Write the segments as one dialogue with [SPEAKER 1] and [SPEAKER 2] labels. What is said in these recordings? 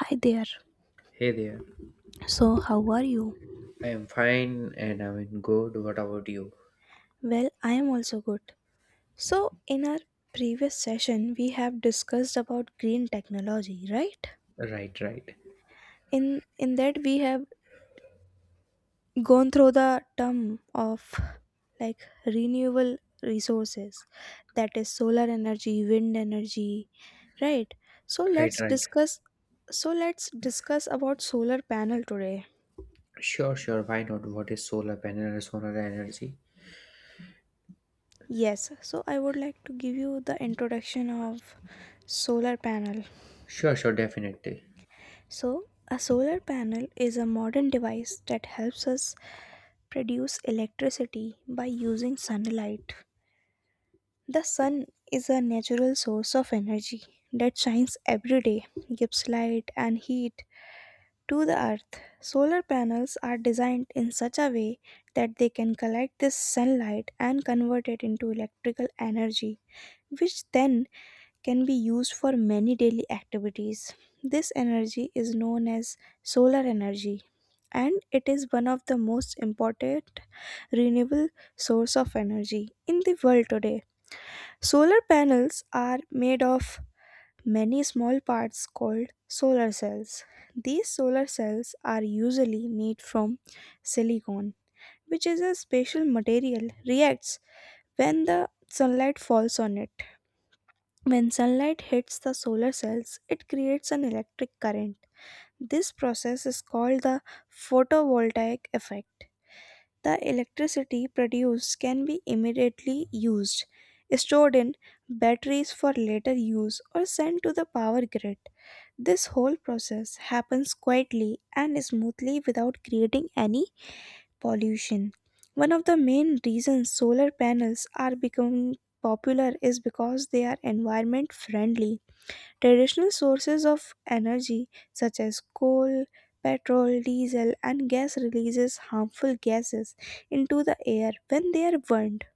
[SPEAKER 1] Hi there.
[SPEAKER 2] Hey there.
[SPEAKER 1] So, how are you?
[SPEAKER 2] I am fine and I'm in good. What about you?
[SPEAKER 1] Well, I am also good. So, in our previous session, we have discussed about green technology, right?
[SPEAKER 2] Right, right.
[SPEAKER 1] In that we have gone through the term of like renewable resources, that is solar energy, wind energy, right? So,
[SPEAKER 2] Right,
[SPEAKER 1] let's
[SPEAKER 2] right.
[SPEAKER 1] discuss so, let's discuss about solar panel today.
[SPEAKER 2] Sure, sure. Why not? What is solar panel and solar energy?
[SPEAKER 1] Yes, so I would like to give you the introduction of solar panel.
[SPEAKER 2] Sure, sure, definitely.
[SPEAKER 1] So, a solar panel is a modern device that helps us produce electricity by using sunlight. The sun is a natural source of energy that shines every day, gives light and heat to the earth. Solar panels are designed in such a way that they can collect this sunlight and convert it into electrical energy, which then can be used for many daily activities. This energy is known as solar energy and it is one of the most important renewable source of energy in the world today. Solar panels are made of many small parts called solar cells. These solar cells are usually made from silicon, which is a special material reacts when the sunlight falls on it. When sunlight hits the solar cells, it creates an electric current. This process is called the photovoltaic effect. The electricity produced can be immediately used, stored in batteries for later use, or sent to the power grid. This whole process happens quietly and smoothly without creating any pollution. One of the main reasons solar panels are becoming popular is because they are environment friendly. Traditional sources of energy such as coal, petrol, diesel, and gas releases harmful gases into the air when they are burned.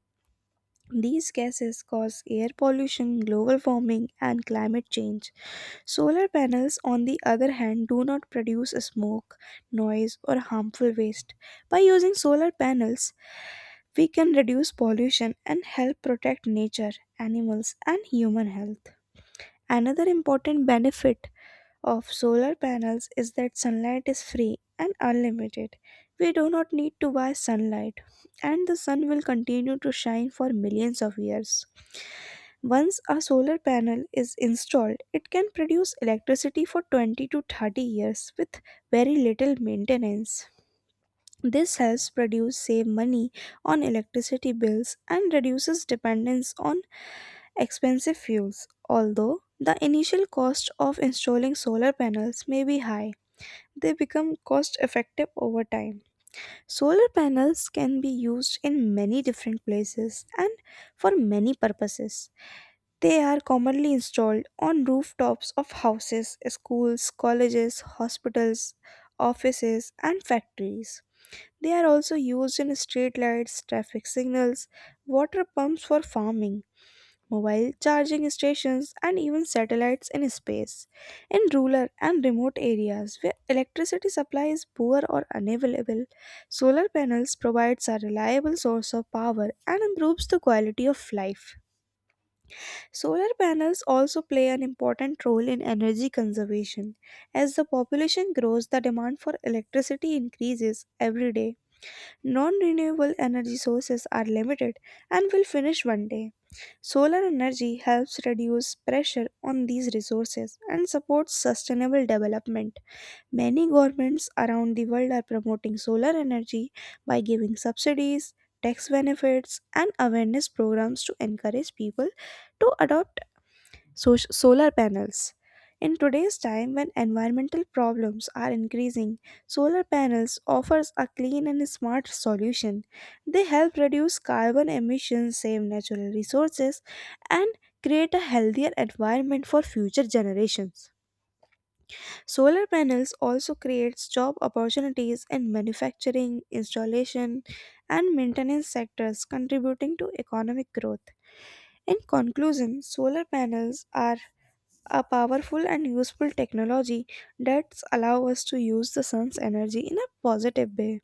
[SPEAKER 1] These gases cause air pollution, global warming, and climate change. Solar panels, on the other hand, do not produce smoke, noise, or harmful waste. By using solar panels, we can reduce pollution and help protect nature, animals, and human health. Another important benefit of solar panels is that sunlight is free and unlimited. We do not need to buy sunlight, and the sun will continue to shine for millions of years. Once a solar panel is installed, it can produce electricity for 20 to 30 years with very little maintenance. This helps produce save money on electricity bills and reduces dependence on expensive fuels, although the initial cost of installing solar panels may be high, they become cost effective over time. Solar panels can be used in many different places and for many purposes. They are commonly installed on rooftops of houses, schools, colleges, hospitals, offices, and factories. They are also used in street lights, traffic signals, water pumps for farming, mobile charging stations, and even satellites in space. In rural and remote areas where electricity supply is poor or unavailable, solar panels provides a reliable source of power and improves the quality of life. Solar panels also play an important role in energy conservation. As the population grows, the demand for electricity increases every day. Non renewable energy sources are limited and will finish one day. Solar energy helps reduce pressure on these resources and supports sustainable development. Many governments around the world are promoting solar energy by giving subsidies, tax benefits, and awareness programs to encourage people to adopt so- solar panels. In today's time when environmental problems are increasing, solar panels offers a clean and smart solution. They help reduce carbon emissions, save natural resources and create a healthier environment for future generations. Solar panels also creates job opportunities in manufacturing, installation and maintenance sectors contributing to economic growth. In conclusion, solar panels are a powerful and useful technology that allow us to use the sun's energy in a positive way.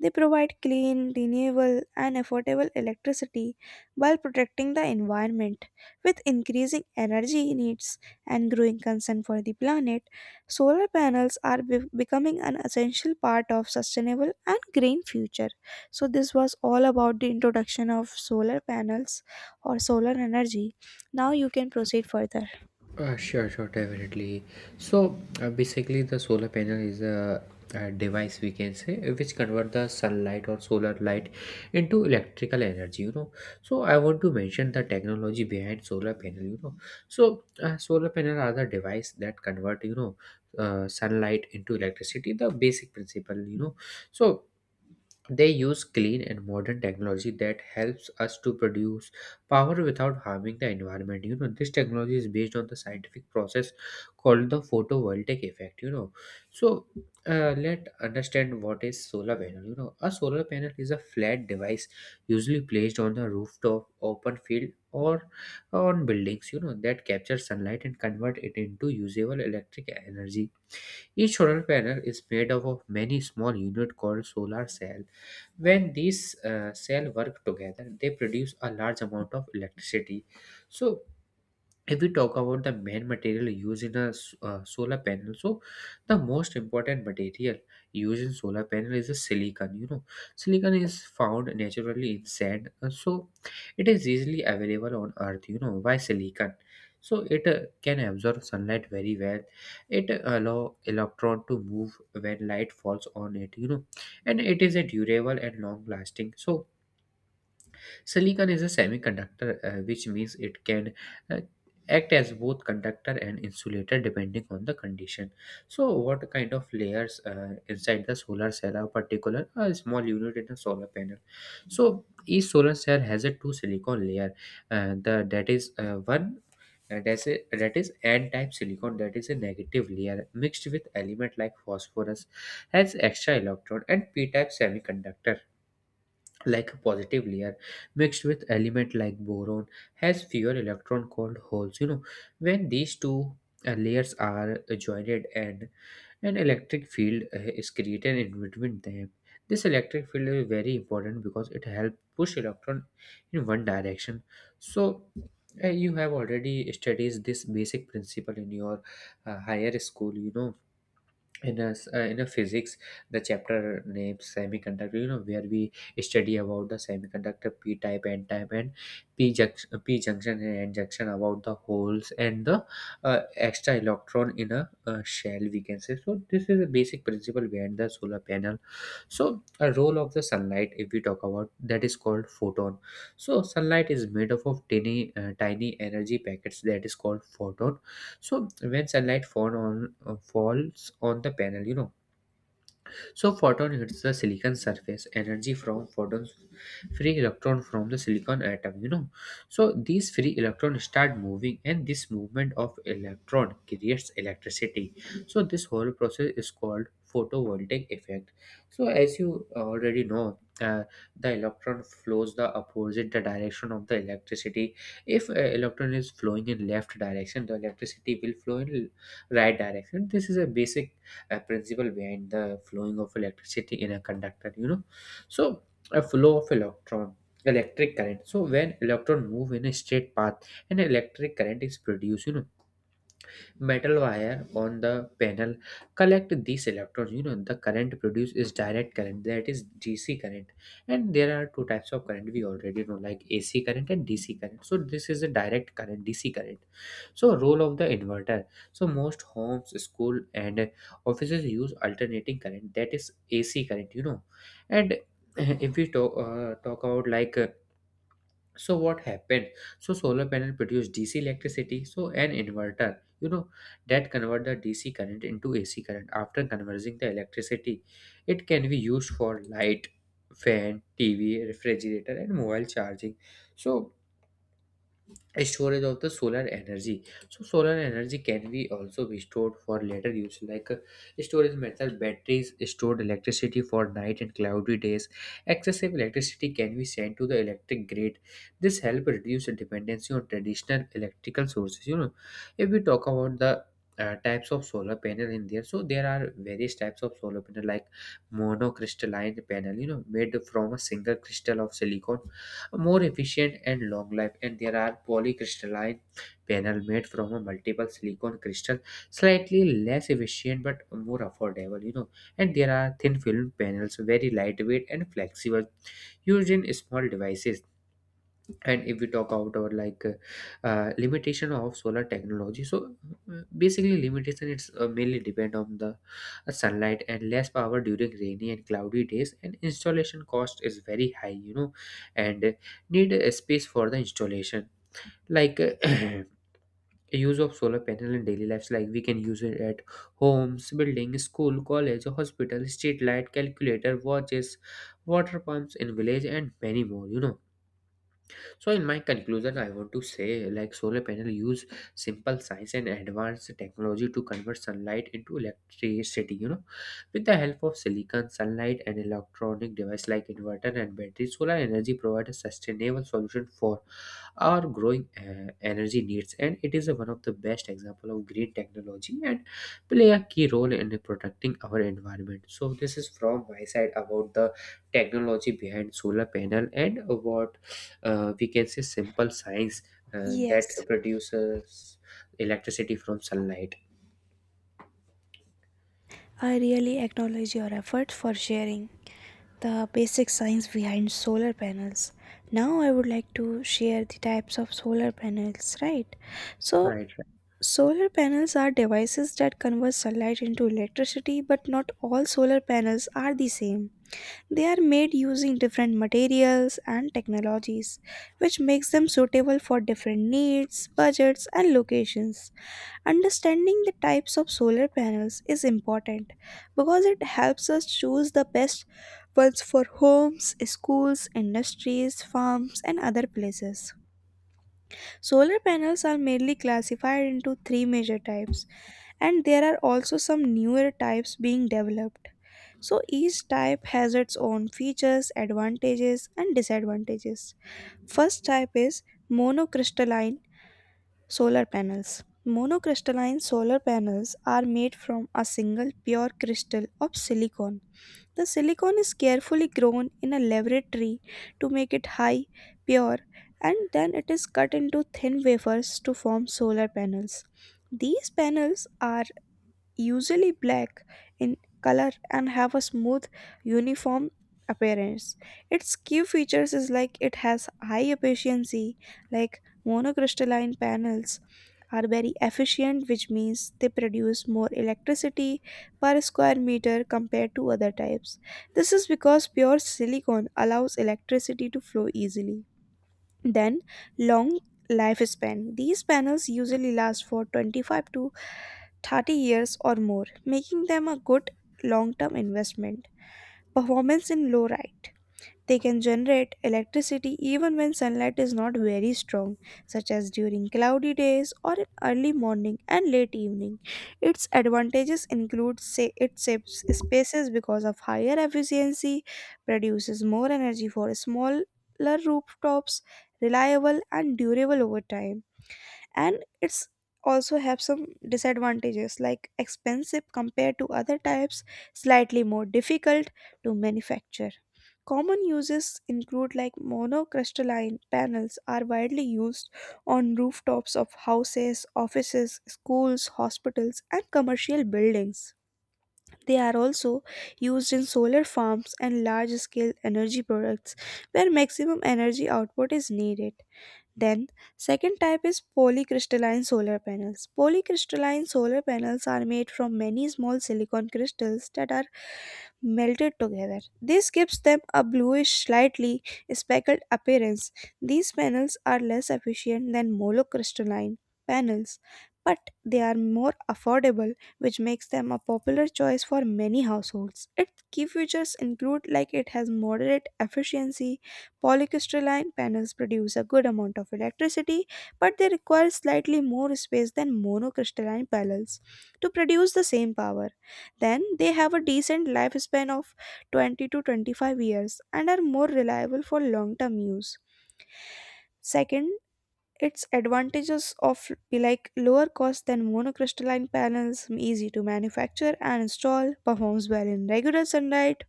[SPEAKER 1] They provide clean, renewable, and affordable electricity while protecting the environment. With increasing energy needs and growing concern for the planet, solar panels are becoming an essential part of sustainable and green future. So this was all about the introduction of solar panels or solar energy. Now you can proceed further.
[SPEAKER 2] Sure, sure, definitely. So basically, the solar panel is a device we can say which convert the sunlight or solar light into electrical energy, you know. So I want to mention the technology behind solar panel, you know. So solar panel are the device that convert sunlight into electricity. The basic principle, you know. So they use clean and modern technology that helps us to produce power without harming the environment, you know. This technology is based on the scientific process called the photovoltaic effect, you know. So let understand what is solar panel, you know. A solar panel is a flat device usually placed on the rooftop, open field, or on buildings, you know, that captures sunlight and convert it into usable electric energy. Each solar panel is made up of many small units called solar cells. When these cells work together, they produce a large amount of electricity. So if we talk about the main material used in a solar panel, so the most important material used in solar panel is a silicon, you know. Silicon is found naturally in sand, so it is easily available on earth, you know. Why silicon? So it can absorb sunlight very well, it allow electron to move when light falls on it, you know, and it is a durable and long lasting. So silicon is a semiconductor, which means it can uh, act as both conductor and insulator depending on the condition. So what kind of layers inside the solar cell are particular? A small unit in a solar panel. So each solar cell has a two silicon layer. The that is one. That's a, that is n-type silicon, that is a negative layer mixed with element like phosphorus, has extra electron, and p-type semiconductor like a positive layer mixed with element like boron has fewer electron called holes, you know. When these two layers are joined, and an electric field is created in between them, this electric field is very important because it helps push electron in one direction. So you have already studied this basic principle in your higher school, you know, in in a physics, the chapter named semiconductor, you know, where we study about the semiconductor p type n type, and p junction, p junction and n junction, about the holes and the extra electron in a shell we can say. So this is a basic principle behind the solar panel. So a role of the sunlight, if we talk about, that is called photon. So sunlight is made up of tiny tiny energy packets that is called photon. So when sunlight falls on the panel, you know, so photon hits the silicon surface. Energy from photons, free electron from the silicon atom, you know. So these free electron start moving, and this movement of electron creates electricity. So this whole process is called photovoltaic effect. So as you already know. The electron flows the opposite the direction of the electricity. If electron is flowing in left direction, the electricity will flow in right direction. This is a basic a principle behind the flowing of electricity in a conductor, you know. So a flow of electron, electric current. So when electron move in a straight path, an electric current is produced, you know. Metal wire on the panel collect these electrons, you know. The current produced is direct current, that is DC current. And there are two types of current we already know, like AC current and DC current. So this is a direct current, DC current. So role of the inverter. So most homes, school, and offices use alternating current, that is AC current, you know. And if we talk about like so what happened, so solar panel produce DC electricity, so an inverter, you know, that convert the DC current into AC current. After converting the electricity, it can be used for light, fan, TV, refrigerator, and mobile charging. So storage of the solar energy. So solar energy can be also be stored for later use, like storage method. Batteries stored electricity for night and cloudy days. Excessive electricity can be sent to the electric grid. This help reduce the dependency on traditional electrical sources, you know. If we talk about the types of solar panel in there, so there are various types of solar panel, like monocrystalline panel, you know, made from a single crystal of silicon, more efficient and long life. And there are polycrystalline panel made from a multiple silicon crystal, slightly less efficient but more affordable, you know. And there are thin film panels, very lightweight and flexible, used in small devices. And if we talk about limitation of solar technology, so basically limitation it's mainly depend on the sunlight, and less power during rainy and cloudy days, and installation cost is very high, you know. And need a space for the installation, like use of solar panel in daily lives, like we can use it at homes, building, school, college, hospital, street light, calculator, watches, water pumps in village, and many more, you know. So in my conclusion, I want to say, like solar panel use simple science and advanced technology to convert sunlight into electricity, you know. With the help of silicon, sunlight, and electronic device like inverter and battery, solar energy provides a sustainable solution for our growing energy needs, and it is one of the best example of green technology and play a key role in protecting our environment. So this is from my side about the technology behind solar panel and what we can say simple science that
[SPEAKER 1] Yes,
[SPEAKER 2] produces electricity from sunlight.
[SPEAKER 1] I really acknowledge your effort for sharing the basic science behind solar panels. Now I would like to share the types of solar panels, right? So,
[SPEAKER 2] Right.
[SPEAKER 1] solar panels are devices that convert sunlight into electricity, but not all solar panels are the same. They are made using different materials and technologies, which makes them suitable for different needs, budgets, and locations. Understanding the types of solar panels is important because it helps us choose the best ones for homes, schools, industries, farms, and other places. Solar panels are mainly classified into three major types, and there are also some newer types being developed. So each type has its own features, advantages, and disadvantages. First type is monocrystalline solar panels. Monocrystalline solar panels are made from a single pure crystal of silicon. The silicon is carefully grown in a laboratory to make it high, pure, and then it is cut into thin wafers to form solar panels. These panels are usually black in color and have a smooth, uniform appearance. Its key features is like it has high efficiency, like monocrystalline panels are very efficient, which means they produce more electricity per square meter compared to other types. This is because pure silicon allows electricity to flow easily. Then, long lifespan. These panels usually last for 25 to 30 years or more, making them a good long term investment. Performance in low light. They can generate electricity even when sunlight is not very strong, such as during cloudy days or in early morning and late evening. Its advantages include, say, it saves spaces because of higher efficiency, produces more energy for smaller rooftops, reliable and durable over time. And it's also have some disadvantages like expensive compared to other types, slightly more difficult to manufacture. Common uses include, like, monocrystalline panels are widely used on rooftops of houses, offices, schools, hospitals and commercial buildings. They are also used in solar farms and large scale energy products where maximum energy output is needed. Then, second type is polycrystalline solar panels. Polycrystalline solar panels are made from many small silicon crystals that are melted together. This gives them a bluish, slightly speckled appearance. These panels are less efficient than monocrystalline panels, but they are more affordable, which makes them a popular choice for many households. Its key features include, like, it has moderate efficiency. Polycrystalline panels produce a good amount of electricity, but they require slightly more space than monocrystalline panels to produce the same power. Then they have a decent lifespan of 20 to 25 years and are more reliable for long term use. Second, its advantages of be like lower cost than monocrystalline panels, easy to manufacture and install, performs well in regular sunlight,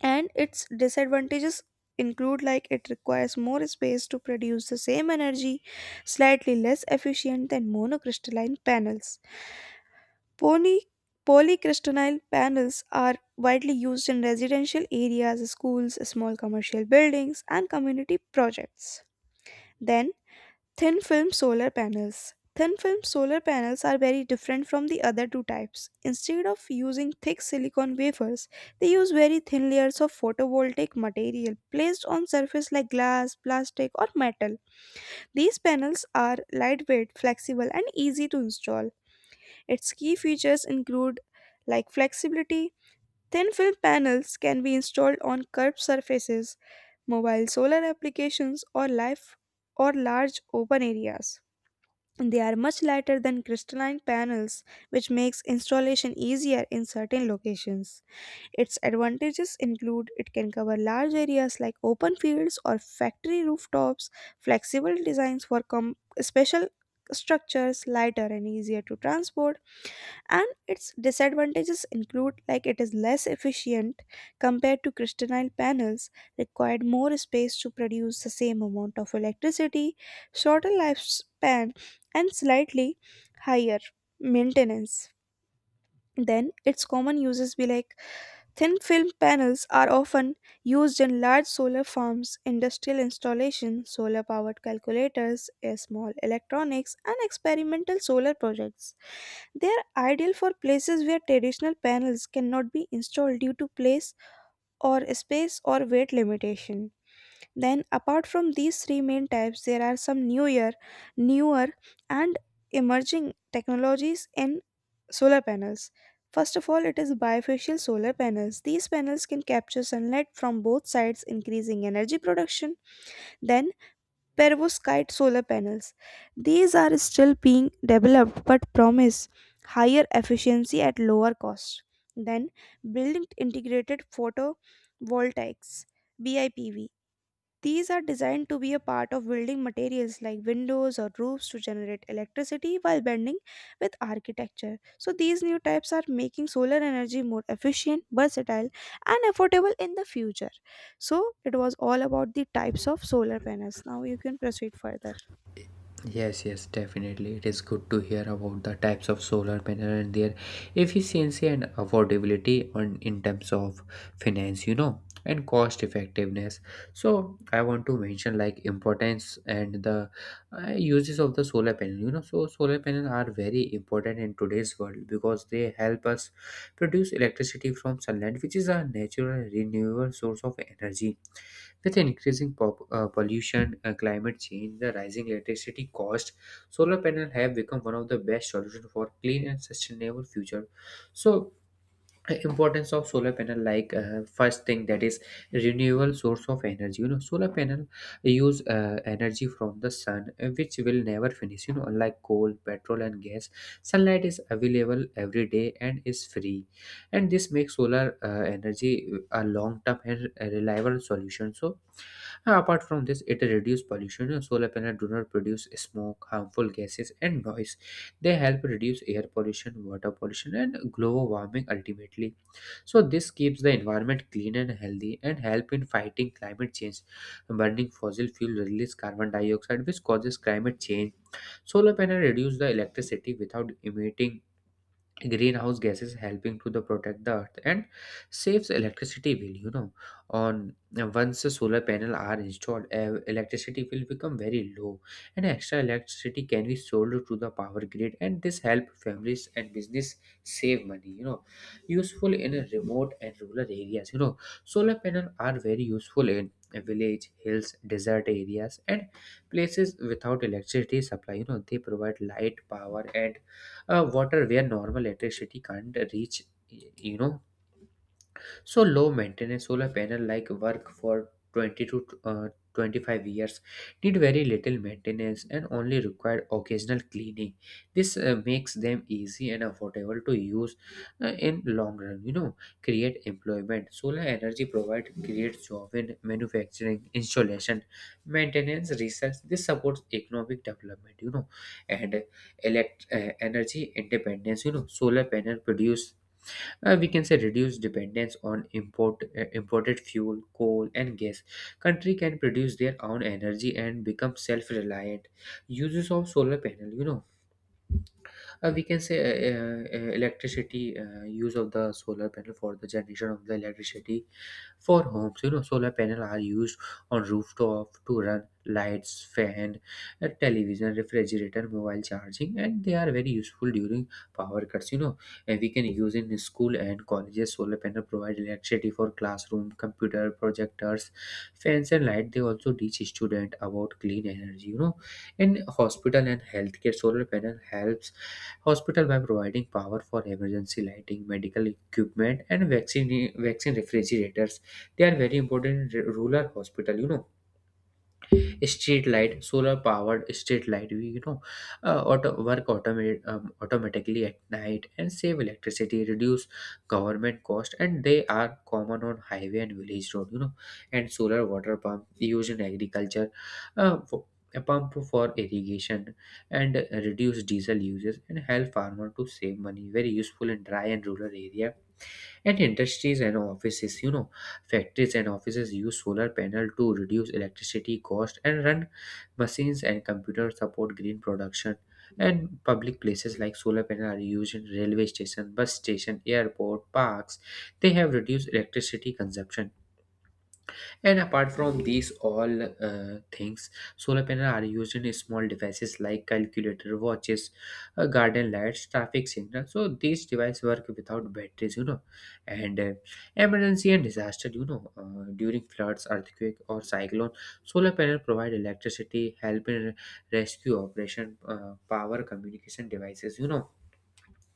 [SPEAKER 1] and its disadvantages include, like, it requires more space to produce the same energy, slightly less efficient than monocrystalline panels. Poly- Polycrystalline panels are widely used in residential areas, schools, small commercial buildings, and community projects. Then, thin film solar panels. Thin film solar panels are very different from the other two types. Instead of using thick silicon wafers, they use very thin layers of photovoltaic material placed on surface like glass, plastic, or metal. These panels are lightweight, flexible, and easy to install. Its key features include, like, flexibility. Thin film panels can be installed on curved surfaces, mobile solar applications or life or large open areas. They are much lighter than crystalline panels, which makes installation easier in certain locations. Its advantages include it can cover large areas like open fields or factory rooftops, flexible designs for special structures, lighter and easier to transport, and its disadvantages include, like, it is less efficient compared to crystalline panels, required more space to produce the same amount of electricity, shorter lifespan and slightly higher maintenance. Then its common uses be like thin film panels are often used in large solar farms, industrial installations, solar powered calculators, small electronics and experimental solar projects. They are ideal for places where traditional panels cannot be installed due to place or space or weight limitation. Then apart from these three main types there are some newer and emerging technologies in solar panels. First of all, it is bifacial solar panels. These panels can capture sunlight from both sides, increasing energy production. Then perovskite solar panels. These are still being developed but promise higher efficiency at lower cost. Then, building integrated photovoltaics, BIPV. These are designed to be a part of building materials like windows or roofs to generate electricity while blending with architecture. So, these new types are making solar energy more efficient, versatile, and affordable in the future. So, it was all about the types of solar panels. Now, you can proceed further.
[SPEAKER 2] Yes, yes, definitely. It is good to hear about the types of solar panel and their efficiency and affordability on in terms of finance, you know, and cost effectiveness. So I want to mention like importance and the uses of the solar panel, you know. So solar panels are very important in today's world because they help us produce electricity from sunlight, which is a natural renewable source of energy. With increasing pollution, climate change, the rising electricity cost, solar panels have become one of the best solutions for clean and sustainable future. So importance of solar panel, like first thing, that is renewable source of energy, you know. Solar panel use energy from the sun, which will never finish, you know. Unlike coal, petrol, and gas, sunlight is available every day and is free, and this makes solar energy a long term and reliable solution. So apart from this, it reduces pollution. Solar panels do not produce smoke, harmful gases, and noise. They help reduce air pollution, water pollution, and global warming ultimately. So this keeps the environment clean and healthy and help in fighting climate change. Burning fossil fuel release carbon dioxide, which causes climate change. Solar panels reduce the electricity without emitting greenhouse gases, helping to the protect the earth, and saves electricity bill, you know. On Once the solar panel are installed, electricity will become very low, and extra electricity can be sold to the power grid, and this help families and business save money, you know. Useful in a remote and rural areas, you know. Solar panel are very useful in a village, hills, desert areas, and places without electricity supply, you know. They provide light, power, and water where normal electricity can't reach, you know. So low maintenance, solar panel like work for 20 to 25 years, need very little maintenance and only require occasional cleaning. This makes them easy and affordable to use in long run, you know. Create employment. Solar energy provide creates job in manufacturing, installation, maintenance, research. This supports economic development, you know. And elect energy independence, you know. Solar panel produce, we can say, reduce dependence on imported fuel, coal, and gas. Country can produce their own energy and become self-reliant. Uses of solar panel, we can say electricity, use of the solar panel for the generation of the electricity for homes, you know. Solar panel are used on rooftop to run lights, fan, television, refrigerator, mobile charging, and they are very useful during power cuts, you know. And we can use in school and colleges. Solar panel provide electricity for classroom, computer, projectors, fans, and light. They also teach student about clean energy, you know. In hospital and healthcare, solar panel helps hospital by providing power for emergency lighting, medical equipment, and vaccine refrigerators. They are very important in rural hospital. You know, street light, solar powered street light, we you know automate automatically at night and save electricity, reduce government cost, and they are common on highway and village road, you know. And solar water pump used in agriculture, uh, for, a pump for irrigation, and reduce diesel uses and help farmer to save money. Very useful in dry and rural area. And industries and offices, you know, factories and offices use solar panel to reduce electricity cost and run machines and computers, support green production. And public places, like solar panel are used in railway station, bus station, airport, parks. They have reduced electricity consumption. And apart from these all things, solar panels are used in small devices like calculator, watches, garden lights, traffic signals. So these devices work without batteries, you know. And Emergency and disaster, you know, during floods, earthquake, or cyclone, solar panel provide electricity, help in rescue operation, power communication devices, you know.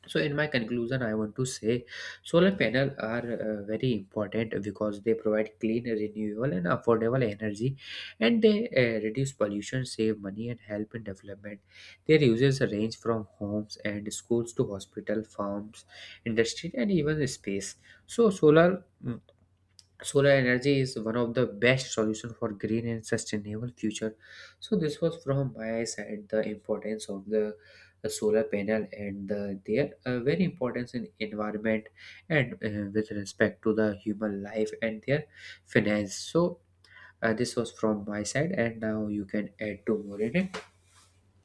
[SPEAKER 2] So, in my conclusion, I want to say solar panels are very important because they provide clean, renewable, and affordable energy, and they reduce pollution, save money, and help in development. Their uses range from homes and schools to hospital, farms, industry, and even space. So, solar energy is one of the best solution for green and sustainable future. So this was from my side, the importance of the solar panel and the, their very importance in environment and, with respect to the human life and their finance. So this was from my side and now you can add to more in it.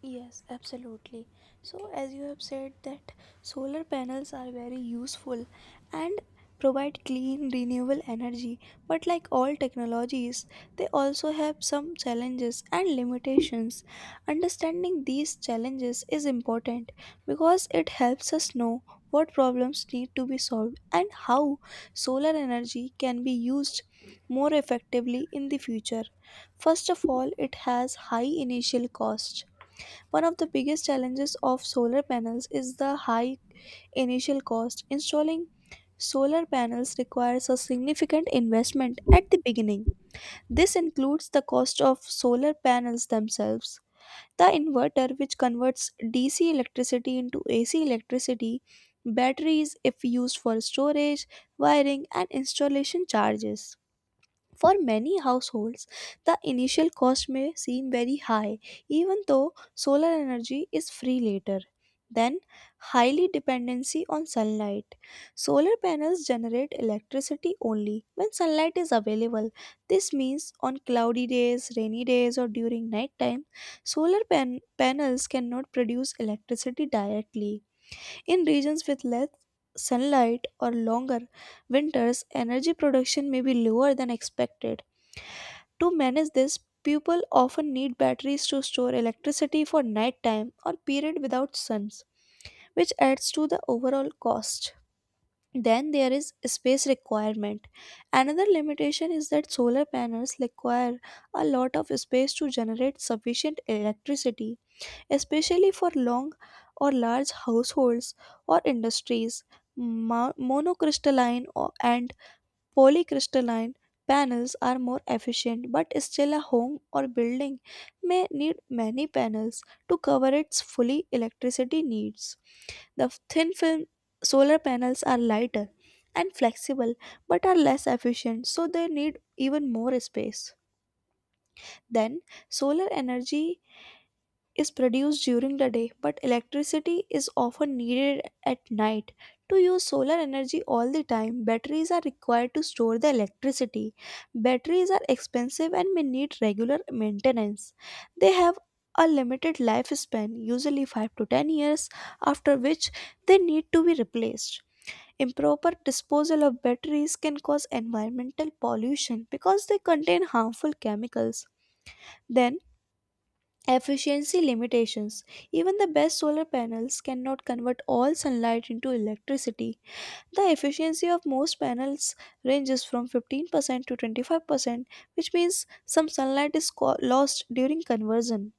[SPEAKER 1] Yes, absolutely. So, as you have said that solar panels are very useful and provide clean renewable energy, but like all technologies, they also have some challenges and limitations. Understanding these challenges is important because it helps us know what problems need to be solved and how solar energy can be used more effectively in the future. First of all, it has high initial cost. One of the biggest challenges of solar panels is the high initial cost. Installing solar panels requires a significant investment at the beginning. This includes the cost of solar panels themselves, the inverter which converts DC electricity into AC electricity, batteries if used for storage, wiring, and installation charges. For many households, the initial cost may seem very high, even though solar energy is free later. Then, highly dependency on sunlight. Solar panels generate electricity only when sunlight is available. This means on cloudy days, rainy days, or during night time, solar panels cannot produce electricity directly. In regions with less sunlight or longer winters, energy production may be lower than expected. To manage this, people often need batteries to store electricity for nighttime or period without suns, which adds to the overall cost. Then there is space requirement. Another limitation is that solar panels require a lot of space to generate sufficient electricity, especially for long or large households or industries. Monocrystalline and Polycrystalline panels are more efficient, but still a home or building may need many panels to cover its fully electricity needs. The thin film solar panels are lighter and flexible but are less efficient, so they need even more space. Then, solar energy is produced during the day, but electricity is often needed at night. To use solar energy all the time, batteries are required to store the electricity. Batteries are expensive and may need regular maintenance. They have a limited lifespan, usually 5 to 10 years, after which they need to be replaced. Improper disposal of batteries can cause environmental pollution because they contain harmful chemicals. Then, efficiency limitations. Even the best solar panels cannot convert all sunlight into electricity. The efficiency of most panels ranges from 15% to 25%, which means some sunlight is lost during conversion.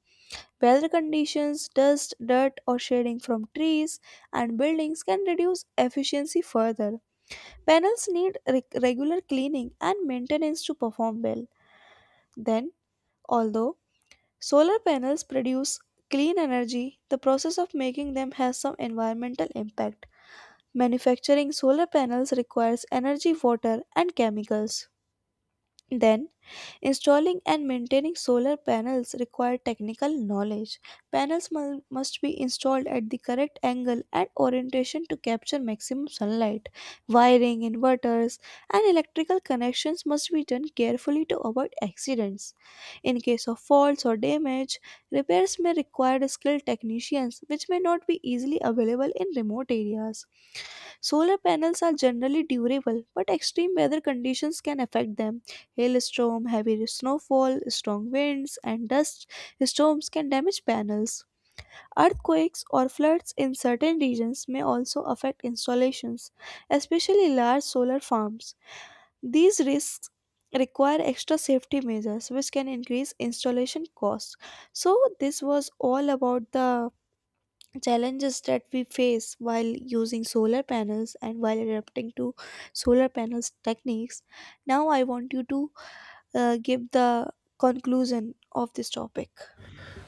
[SPEAKER 1] Weather conditions, dust, dirt, or shading from trees and buildings can reduce efficiency further. Panels need regular cleaning and maintenance to perform well. Then, although solar panels produce clean energy, the process of making them has some environmental impact. Manufacturing solar panels requires energy, water, and chemicals. Then, installing and maintaining solar panels require technical knowledge. Panels must be installed at the correct angle and orientation to capture maximum sunlight. Wiring, inverters, and electrical connections must be done carefully to avoid accidents. In case of faults or damage, repairs may require skilled technicians, which may not be easily available in remote areas. Solar panels are generally durable, but extreme weather conditions can affect them. Hailstorm, heavy snowfall, strong winds, and dust storms can damage panels. Earthquakes or floods in certain regions may also affect installations, especially large solar farms. These risks require extra safety measures, which can increase installation costs. So, this was all about the challenges that we face while using solar panels and while adapting to solar panels techniques. Now I want you to give the conclusion of this topic.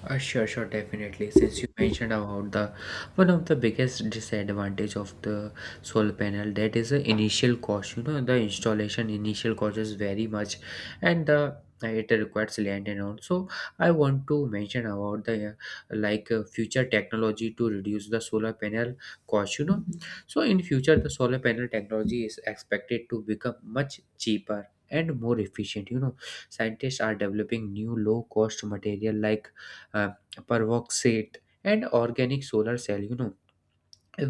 [SPEAKER 2] Sure, sure, definitely. Since you mentioned about the one of the biggest disadvantage of the solar panel, that is the initial cost. You know, the installation initial cost is very much, and the it requires land and all. So I want to mention about the future technology to reduce the solar panel cost. You know, so in future the solar panel technology is expected to become much cheaper and more efficient. You know, scientists are developing new low cost material like uh, peroxide and organic solar cell, you know,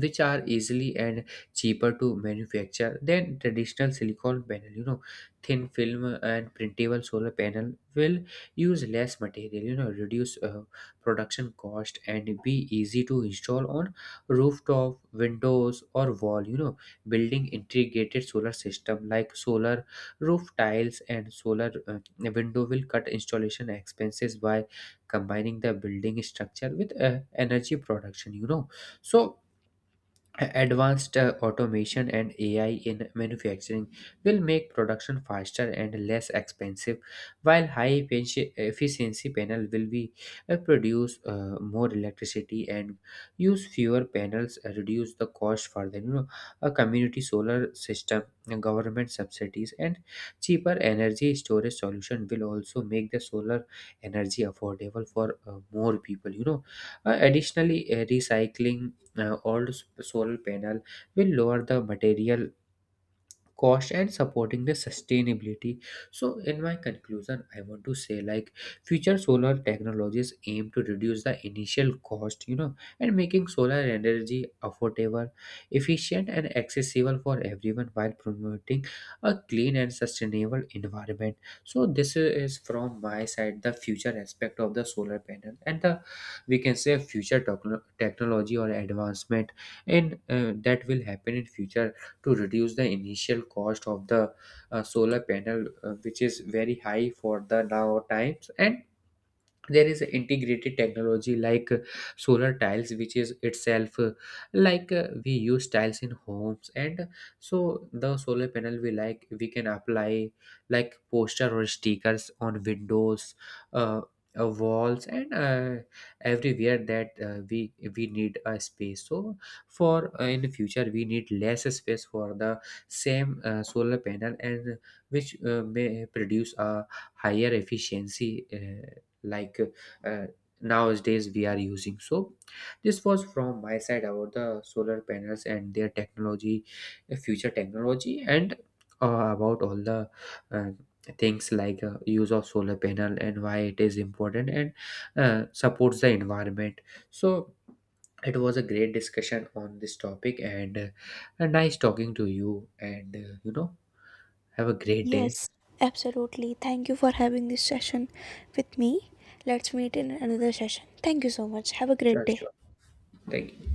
[SPEAKER 2] which are easily and cheaper to manufacture than traditional silicon panel, you know. Thin film and printable solar panel will use less material, you know, reduce production cost and be easy to install on rooftop, windows, or wall, you know. Building integrated solar system like solar roof tiles and solar window will cut installation expenses by combining the building structure with energy production, you know. So advanced automation and AI in manufacturing will make production faster and less expensive, while efficiency panel will be produce more electricity and use fewer panels, reduce the cost further. You know, a community solar system, government subsidies, and cheaper energy storage solution will also make the solar energy affordable for more people. You know, additionally, recycling solar panel will lower the material cost and supporting the sustainability. So in my conclusion, I want to say, like, future solar technologies aim to reduce the initial cost, you know, and making solar energy affordable, efficient, and accessible for everyone, while promoting a clean and sustainable environment. So this is from my side, the future aspect of the solar panel and the, we can say, future technology or advancement in, that will happen in future to reduce the initial cost of the solar panel, which is very high for the now times. And there is a integrated technology like, solar tiles, which is itself, we use tiles in homes. And so the solar panel, we can apply like poster or stickers on windows, uh, walls, and everywhere that we need a space. So for, in the future we need less space for the same solar panel, and which may produce a higher efficiency like uh, nowadays we are using. So this was from my side about the solar panels and their technology, future technology, and about all the uh, things, like, use of solar panel and why it is important and supports the environment. So it was a great discussion on this topic, and nice talking to you, and you know, have a great day.
[SPEAKER 1] Yes, absolutely, thank you for having this session with me. Let's meet in another session. Thank you so much, have a great
[SPEAKER 2] Sure,
[SPEAKER 1] day.
[SPEAKER 2] sure, thank you.